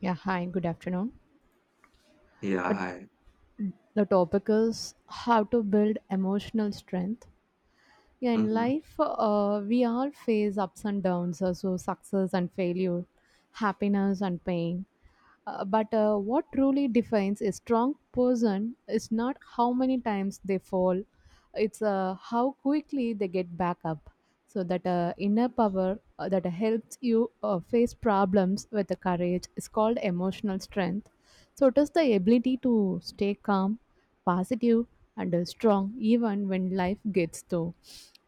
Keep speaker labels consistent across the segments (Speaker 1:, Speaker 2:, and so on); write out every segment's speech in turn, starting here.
Speaker 1: Yeah, hi, good afternoon.
Speaker 2: Yeah,
Speaker 1: Uh,
Speaker 2: hi.
Speaker 1: The topic is how to build emotional strength. Yeah, in
Speaker 2: Mhm.
Speaker 1: life, we all face ups and downs, so success and failure, happiness and pain. But what truly defines a strong person is not how many times they fall, it's how quickly they get back up. So that inner power that helps you face problems with the courage is called emotional strength. So it is the ability to stay calm, positive, and strong even when life gets too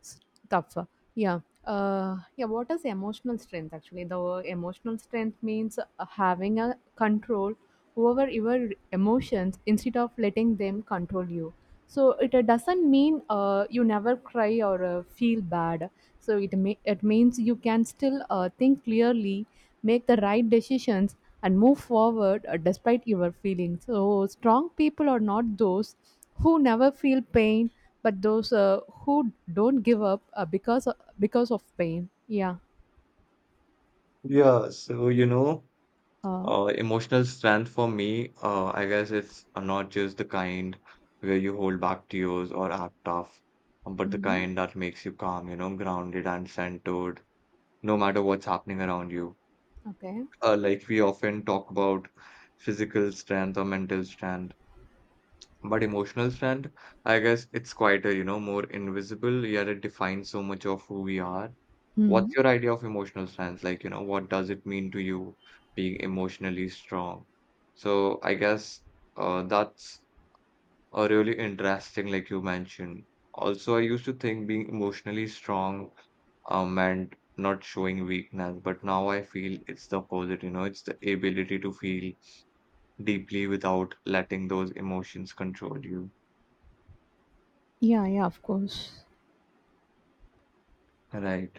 Speaker 1: tough. Yeah. Yeah. What is emotional strength? Actually, the word emotional strength means having a control over your emotions instead of letting them control you. So it doesn't mean you never cry or feel bad. So it means you can still think clearly, make the right decisions, and move forward despite your feelings. So strong people are not those who never feel pain, but those who don't give up because of pain. Yeah.
Speaker 2: Yeah, so you know,
Speaker 1: uh,
Speaker 2: Emotional strength for me, I guess it's not just the kind where you hold back tears or act tough, but the
Speaker 1: mm-hmm.
Speaker 2: kind that makes you calm, you know, grounded and centered, no matter what's happening around you.
Speaker 1: Okay.
Speaker 2: Like we often talk about physical strength or mental strength, but emotional strength, I guess it's quieter, you know, more invisible, yet it defines so much of who we are. What's
Speaker 1: Mm-hmm.
Speaker 2: your idea of emotional strength? Like, you know, what does it mean to you being emotionally strong? So I guess that's a really interesting, like you mentioned. Also, I used to think being emotionally strong and not showing weakness, but now I feel it's the opposite, you know, it's the ability to feel deeply without letting those emotions control you.
Speaker 1: Yeah, yeah, of course.
Speaker 2: Right.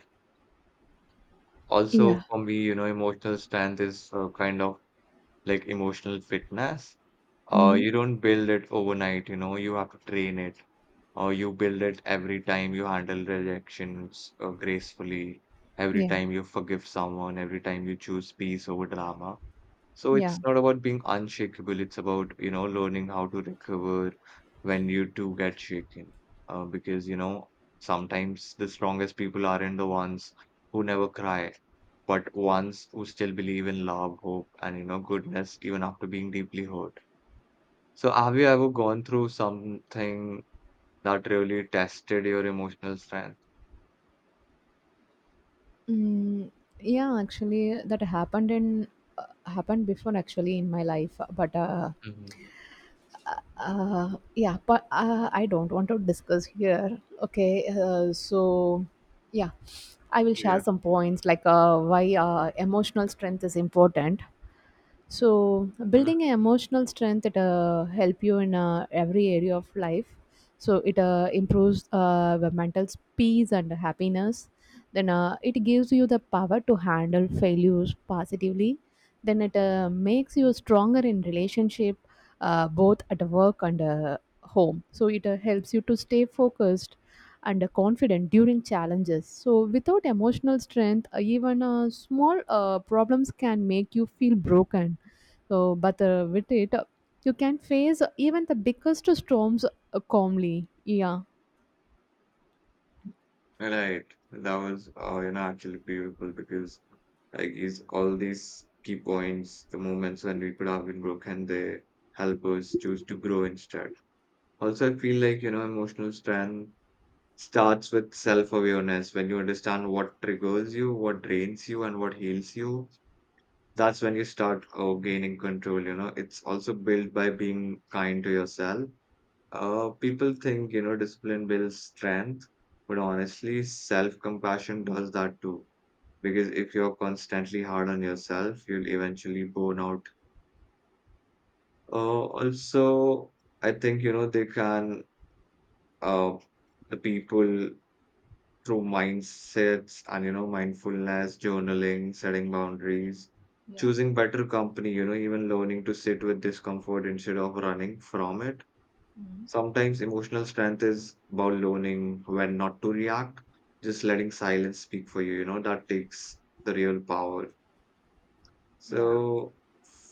Speaker 2: Also,
Speaker 1: Yeah.
Speaker 2: for me, you know, emotional strength is kind of like emotional fitness,
Speaker 1: Mm-hmm.
Speaker 2: you don't build it overnight, you know, you have to train it, or you build it every time you handle rejections gracefully, every
Speaker 1: Yeah.
Speaker 2: time you forgive someone, every time you choose peace over drama. So it's
Speaker 1: Yeah.
Speaker 2: not about being unshakable, it's about, you know, learning how to recover when you do get shaken. Because, you know, sometimes the strongest people aren't the ones who never cry, but ones who still believe in love, hope, and, you know, goodness even after being deeply hurt. So have you ever gone through something that really tested your emotional strength?
Speaker 1: Mm, yeah, actually that happened in, happened before actually in my life, but
Speaker 2: Hmm.
Speaker 1: Yeah, but I don't want to discuss here. Okay, so yeah, I will share
Speaker 2: Yeah.
Speaker 1: some points like why emotional strength is important. So building an emotional strength, it help you in every area of life. So it improves the mental peace and happiness. Then it gives you the power to handle failures positively. Then it makes you stronger in relationship, both at work and home. So it helps you to stay focused and confident during challenges. So without emotional strength, even small problems can make you feel broken. So, but with it, you can face even the biggest storms calmly. Yeah.
Speaker 2: Right. That was, you know, actually beautiful because like is all these key points, the moments when we could have been broken, they help us choose to grow instead. Also, I feel like, you know, emotional strength starts with self-awareness. When you understand what triggers you, what drains you, and what heals you, that's when you start gaining control, you know. It's also built by being kind to yourself. People think, you know, discipline builds strength, but honestly, self-compassion does that too. Because if you're constantly hard on yourself, you'll eventually burn out. Uh, also, I think, you know, uh, the people through mindsets and, you know, mindfulness, journaling, setting boundaries, choosing better company, you know, even learning to sit with discomfort instead of running from it. Sometimes emotional strength is about learning when not to react, just letting silence speak for you, you know, that takes the real power. So,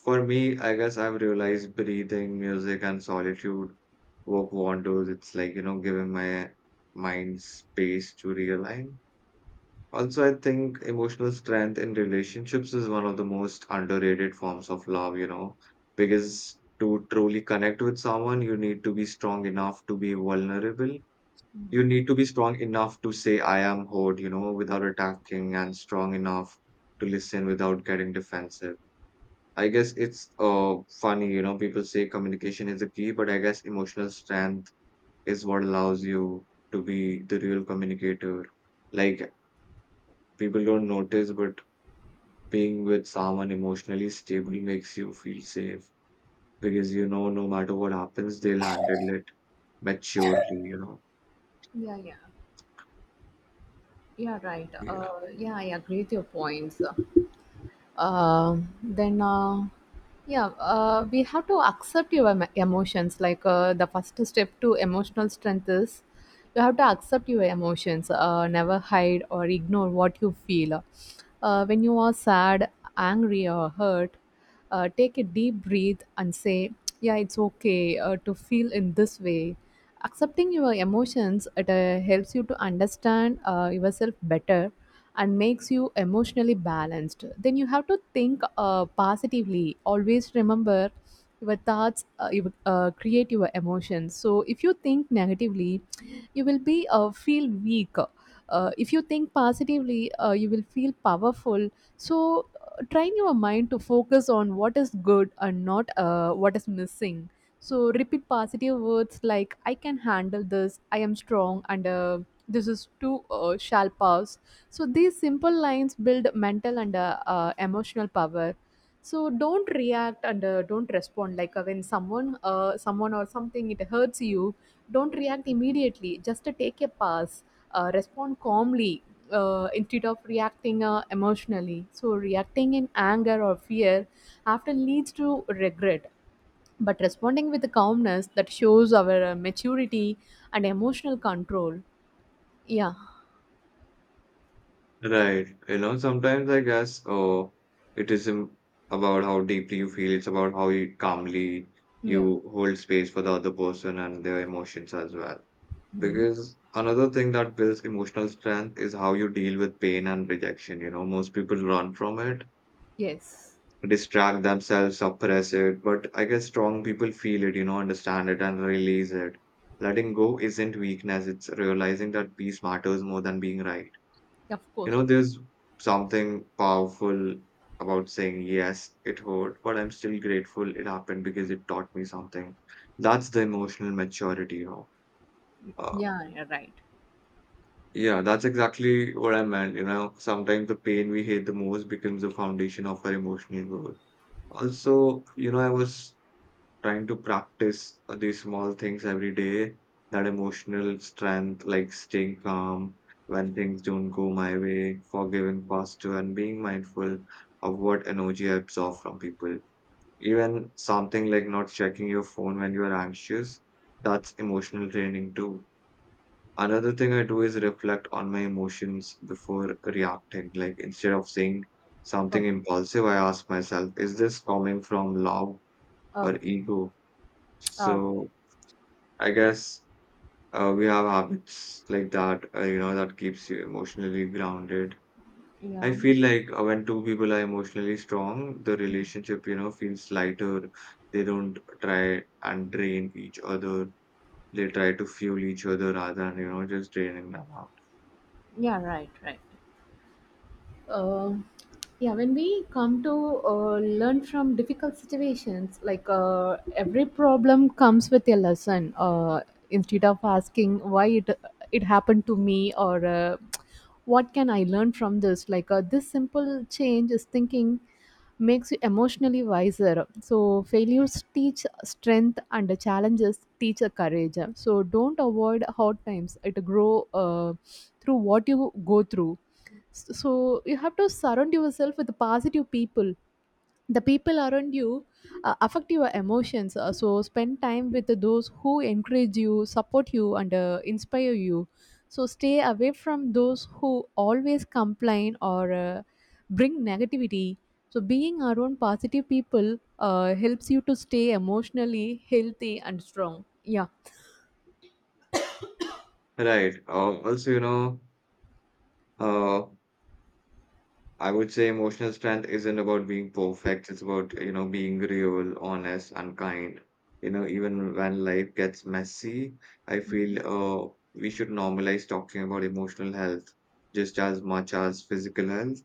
Speaker 2: for me, I guess I've realized breathing, music, and solitude work wonders. It's like, you know, giving my mind space to realign. Also, I think emotional strength in relationships is one of the most underrated forms of love, you know, because to truly connect with someone, you need to be strong enough to be vulnerable. You need to be strong enough to say, I am hurt, you know, without attacking, and strong enough to listen without getting defensive. I guess it's funny, you know, people say communication is the key, but I guess emotional strength is what allows you to be the real communicator. Like people don't notice, but being with someone emotionally stable makes you feel safe because you know no matter what happens, they'll handle it maturely, you know.
Speaker 1: Yeah, yeah, yeah, right.
Speaker 2: Yeah.
Speaker 1: Yeah, I agree with your points. uh, then yeah, we have to accept your emotions. Like, the first step to emotional strength is you have to accept your emotions. Never hide or ignore what you feel. When you are sad, angry or hurt, take a deep breath and say, yeah, it's okay to feel in this way. Accepting your emotions, it helps you to understand yourself better, and makes you emotionally balanced. Then you have to think positively. Always remember, your thoughts create your emotions. So if you think negatively, you will be feel weak. If you think positively, you will feel powerful. So train your mind to focus on what is good and not what is missing. So repeat positive words like, I can handle this, I am strong, and this is too shall pass. So these simple lines build mental and emotional power. So don't react and don't respond. Like, when someone or something, it hurts you. Don't react immediately. Just take a pause. Respond calmly, instead of reacting emotionally. So reacting in anger or fear often leads to regret. But responding with calmness, that shows our maturity and emotional control. Yeah.
Speaker 2: Right. You know, sometimes I guess it isn't about how deeply you feel, it's about how you calmly
Speaker 1: Yeah.
Speaker 2: you hold space for the other person and their emotions as well.
Speaker 1: Mhm.
Speaker 2: Because another thing that builds emotional strength is how you deal with pain and rejection. You know, most people run from it,
Speaker 1: Yes.
Speaker 2: distract themselves, suppress it. But I guess strong people feel it, you know, understand it and release it. Letting go isn't weakness, it's realizing that peace matters more than being right.
Speaker 1: Of
Speaker 2: You
Speaker 1: course.
Speaker 2: know,
Speaker 1: Of
Speaker 2: there's something powerful about saying, yes, it hurt, but I'm still grateful it happened because it taught me something. That's the emotional maturity, you know. Uh,
Speaker 1: Yeah, yeah, right.
Speaker 2: yeah, that's exactly what I meant. You know, sometimes the pain we hate the most becomes the foundation of our emotional growth. Also, you know, I was trying to practice these small things every day, that emotional strength, like staying calm when things don't go my way, forgiving faster, and being mindful of what energy I absorb from people. Even something like not checking your phone when you are anxious, that's emotional training too. Another thing I do is reflect on my emotions before reacting. Like instead of saying something
Speaker 1: Oh,
Speaker 2: impulsive, I ask myself, is this coming from love or
Speaker 1: okay.
Speaker 2: ego?
Speaker 1: Okay,
Speaker 2: So I guess we have habits like that, you know, that keeps you emotionally grounded. I
Speaker 1: yeah,
Speaker 2: feel like when two people are emotionally strong, the relationship, you know, feels lighter. They don't try and drain each other. They try to fuel each other rather than, you know, just draining them out.
Speaker 1: yeah, right, right. uh, yeah, when we come to learn from difficult situations. Like every problem comes with a lesson. Instead of asking why it happened to me, or what can I learn from this? Like this simple change is thinking makes you emotionally wiser. So failures teach strength, and the challenges teach a courage. So don't avoid hard times, it grow uh, through what you go through. So you have to surround yourself with positive people. The people around you affect your emotions. So spend time with those who encourage you, support you, and inspire you. So stay away from those who always complain or bring negativity. So being around positive people helps you to stay emotionally healthy and strong. Yeah.
Speaker 2: Right. Uh, I would say emotional strength isn't about being perfect. It's about, you know, being real, honest, and kind. You know, even when life gets messy, I feel
Speaker 1: Mhm.
Speaker 2: we should normalize talking about emotional health just as much as physical health.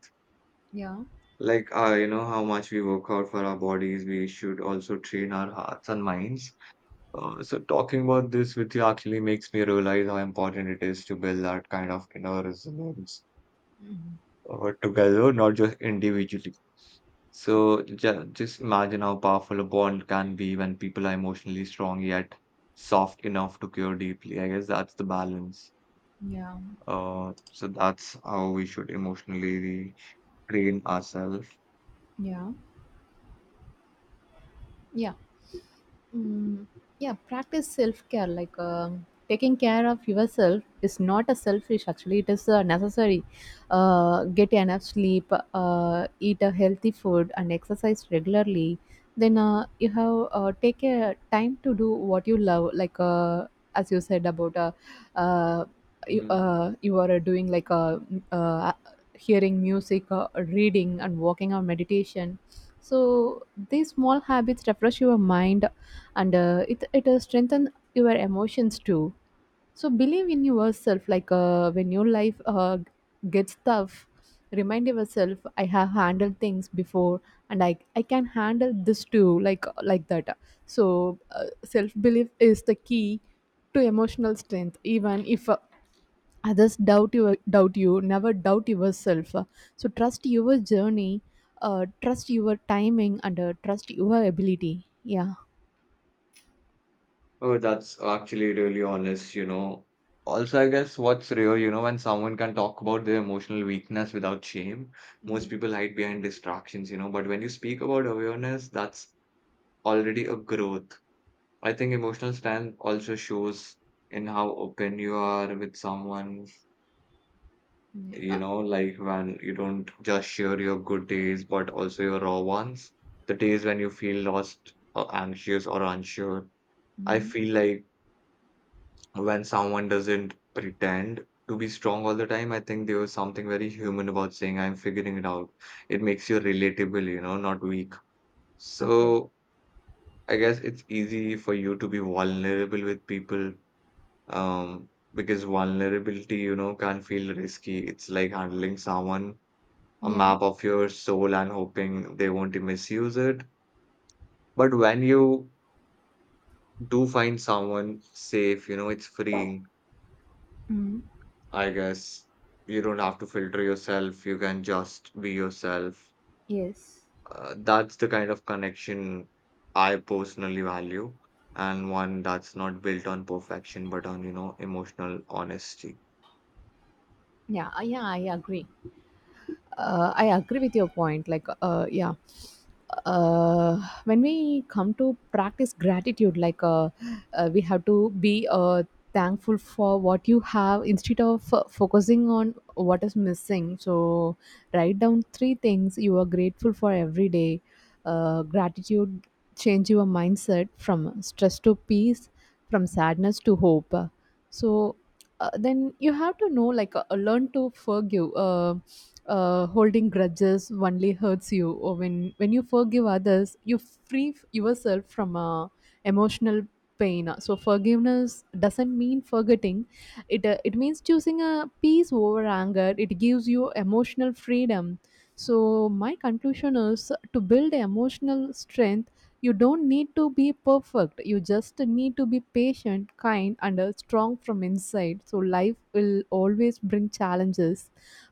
Speaker 1: Yeah.
Speaker 2: Like, you know, how much we work out for our bodies, we should also train our hearts and minds. So talking about this with you actually makes me realize how important it is to build that kind of inner resilience
Speaker 1: Mhm.
Speaker 2: together, not just individually. So ju just imagine how powerful a bond can be when people are emotionally strong yet soft enough to care deeply. I guess that's the balance.
Speaker 1: Yeah.
Speaker 2: So that's how we should emotionally train ourselves.
Speaker 1: Yeah. Yeah. Mm, yeah, practice self care. Like, taking care of yourself is not a selfish. Actually, it is necessary. Get enough sleep, eat a healthy food, and exercise regularly. Then you have take a time to do what you love. Like as you said about uh, you,
Speaker 2: Mhm.
Speaker 1: uh, you are doing, like, uh, hearing music, reading, and walking or meditation. So these small habits refresh your mind, and it strengthens your emotions too. So believe in yourself. Like, when your life gets tough, remind yourself, I have handled things before, and I can handle this too. Like that. So self belief is the key to emotional strength. Even if others doubt you, never doubt yourself. So trust your journey. Trust your timing and trust your ability. Yeah.
Speaker 2: Oh, that's actually really honest, you know. Also, I guess what's rare, you know, when someone can talk about their emotional weakness without shame, most
Speaker 1: Mm.
Speaker 2: people hide behind distractions, you know. But when you speak about awareness, that's already a growth. I think emotional strength also shows in how open you are with someone, you
Speaker 1: Yeah.
Speaker 2: know, like when you don't just share your good days, but also your raw ones. The days when you feel lost or anxious or unsure. I
Speaker 1: Hmm.
Speaker 2: feel like when someone doesn't pretend to be strong all the time, I think there was something very human about saying, I'm figuring it out. It makes you relatable, you know, not weak.
Speaker 1: Okay.
Speaker 2: So I guess it's easy for you to be vulnerable with people um, because vulnerability, you know, can feel risky. It's like handling someone a
Speaker 1: Yeah.
Speaker 2: map of your soul and hoping they won't misuse it. But when you do find someone safe, you know, it's freeing,
Speaker 1: Hmm.
Speaker 2: I guess. You don't have to filter yourself, you can just be yourself.
Speaker 1: Yes.
Speaker 2: That's the kind of connection I personally value, and one that's not built on perfection, but on, you know, emotional honesty.
Speaker 1: Yeah. Yeah, I agree. I agree with your point. Like, yeah. uh, when we come to practice gratitude, like we have to be thankful for what you have, instead of focusing on what is missing. So, write down three things you are grateful for every day. Gratitude change your mindset from stress to peace, from sadness to hope. So, then you have to know, like, learn to forgive. Holding grudges only hurts you, or when you forgive others, you free yourself from emotional pain. So forgiveness doesn't mean forgetting, it it means choosing a peace over anger. It gives you emotional freedom. So my conclusion is, to build emotional strength, you don't need to be perfect, you just need to be patient, kind, and strong from inside. So life will always bring challenges,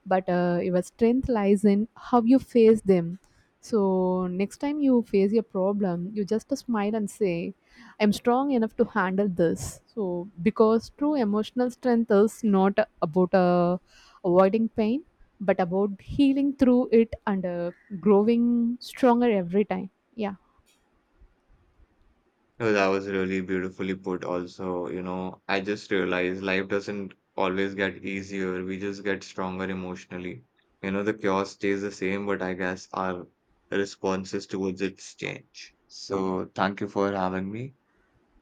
Speaker 1: but your strength lies in how you face them. So next time you face a problem, you just smile and say, I'm strong enough to handle this. So, because true emotional strength is not about avoiding pain, but about healing through it and growing stronger every time. Yeah.
Speaker 2: No, that was really beautifully put also, you know, I just realized life doesn't always get easier. We just get stronger emotionally. You know, the chaos stays the same, but I guess our responses towards it change. So thank you for having me.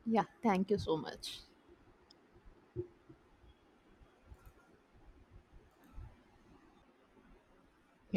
Speaker 1: Yeah, thank you so much.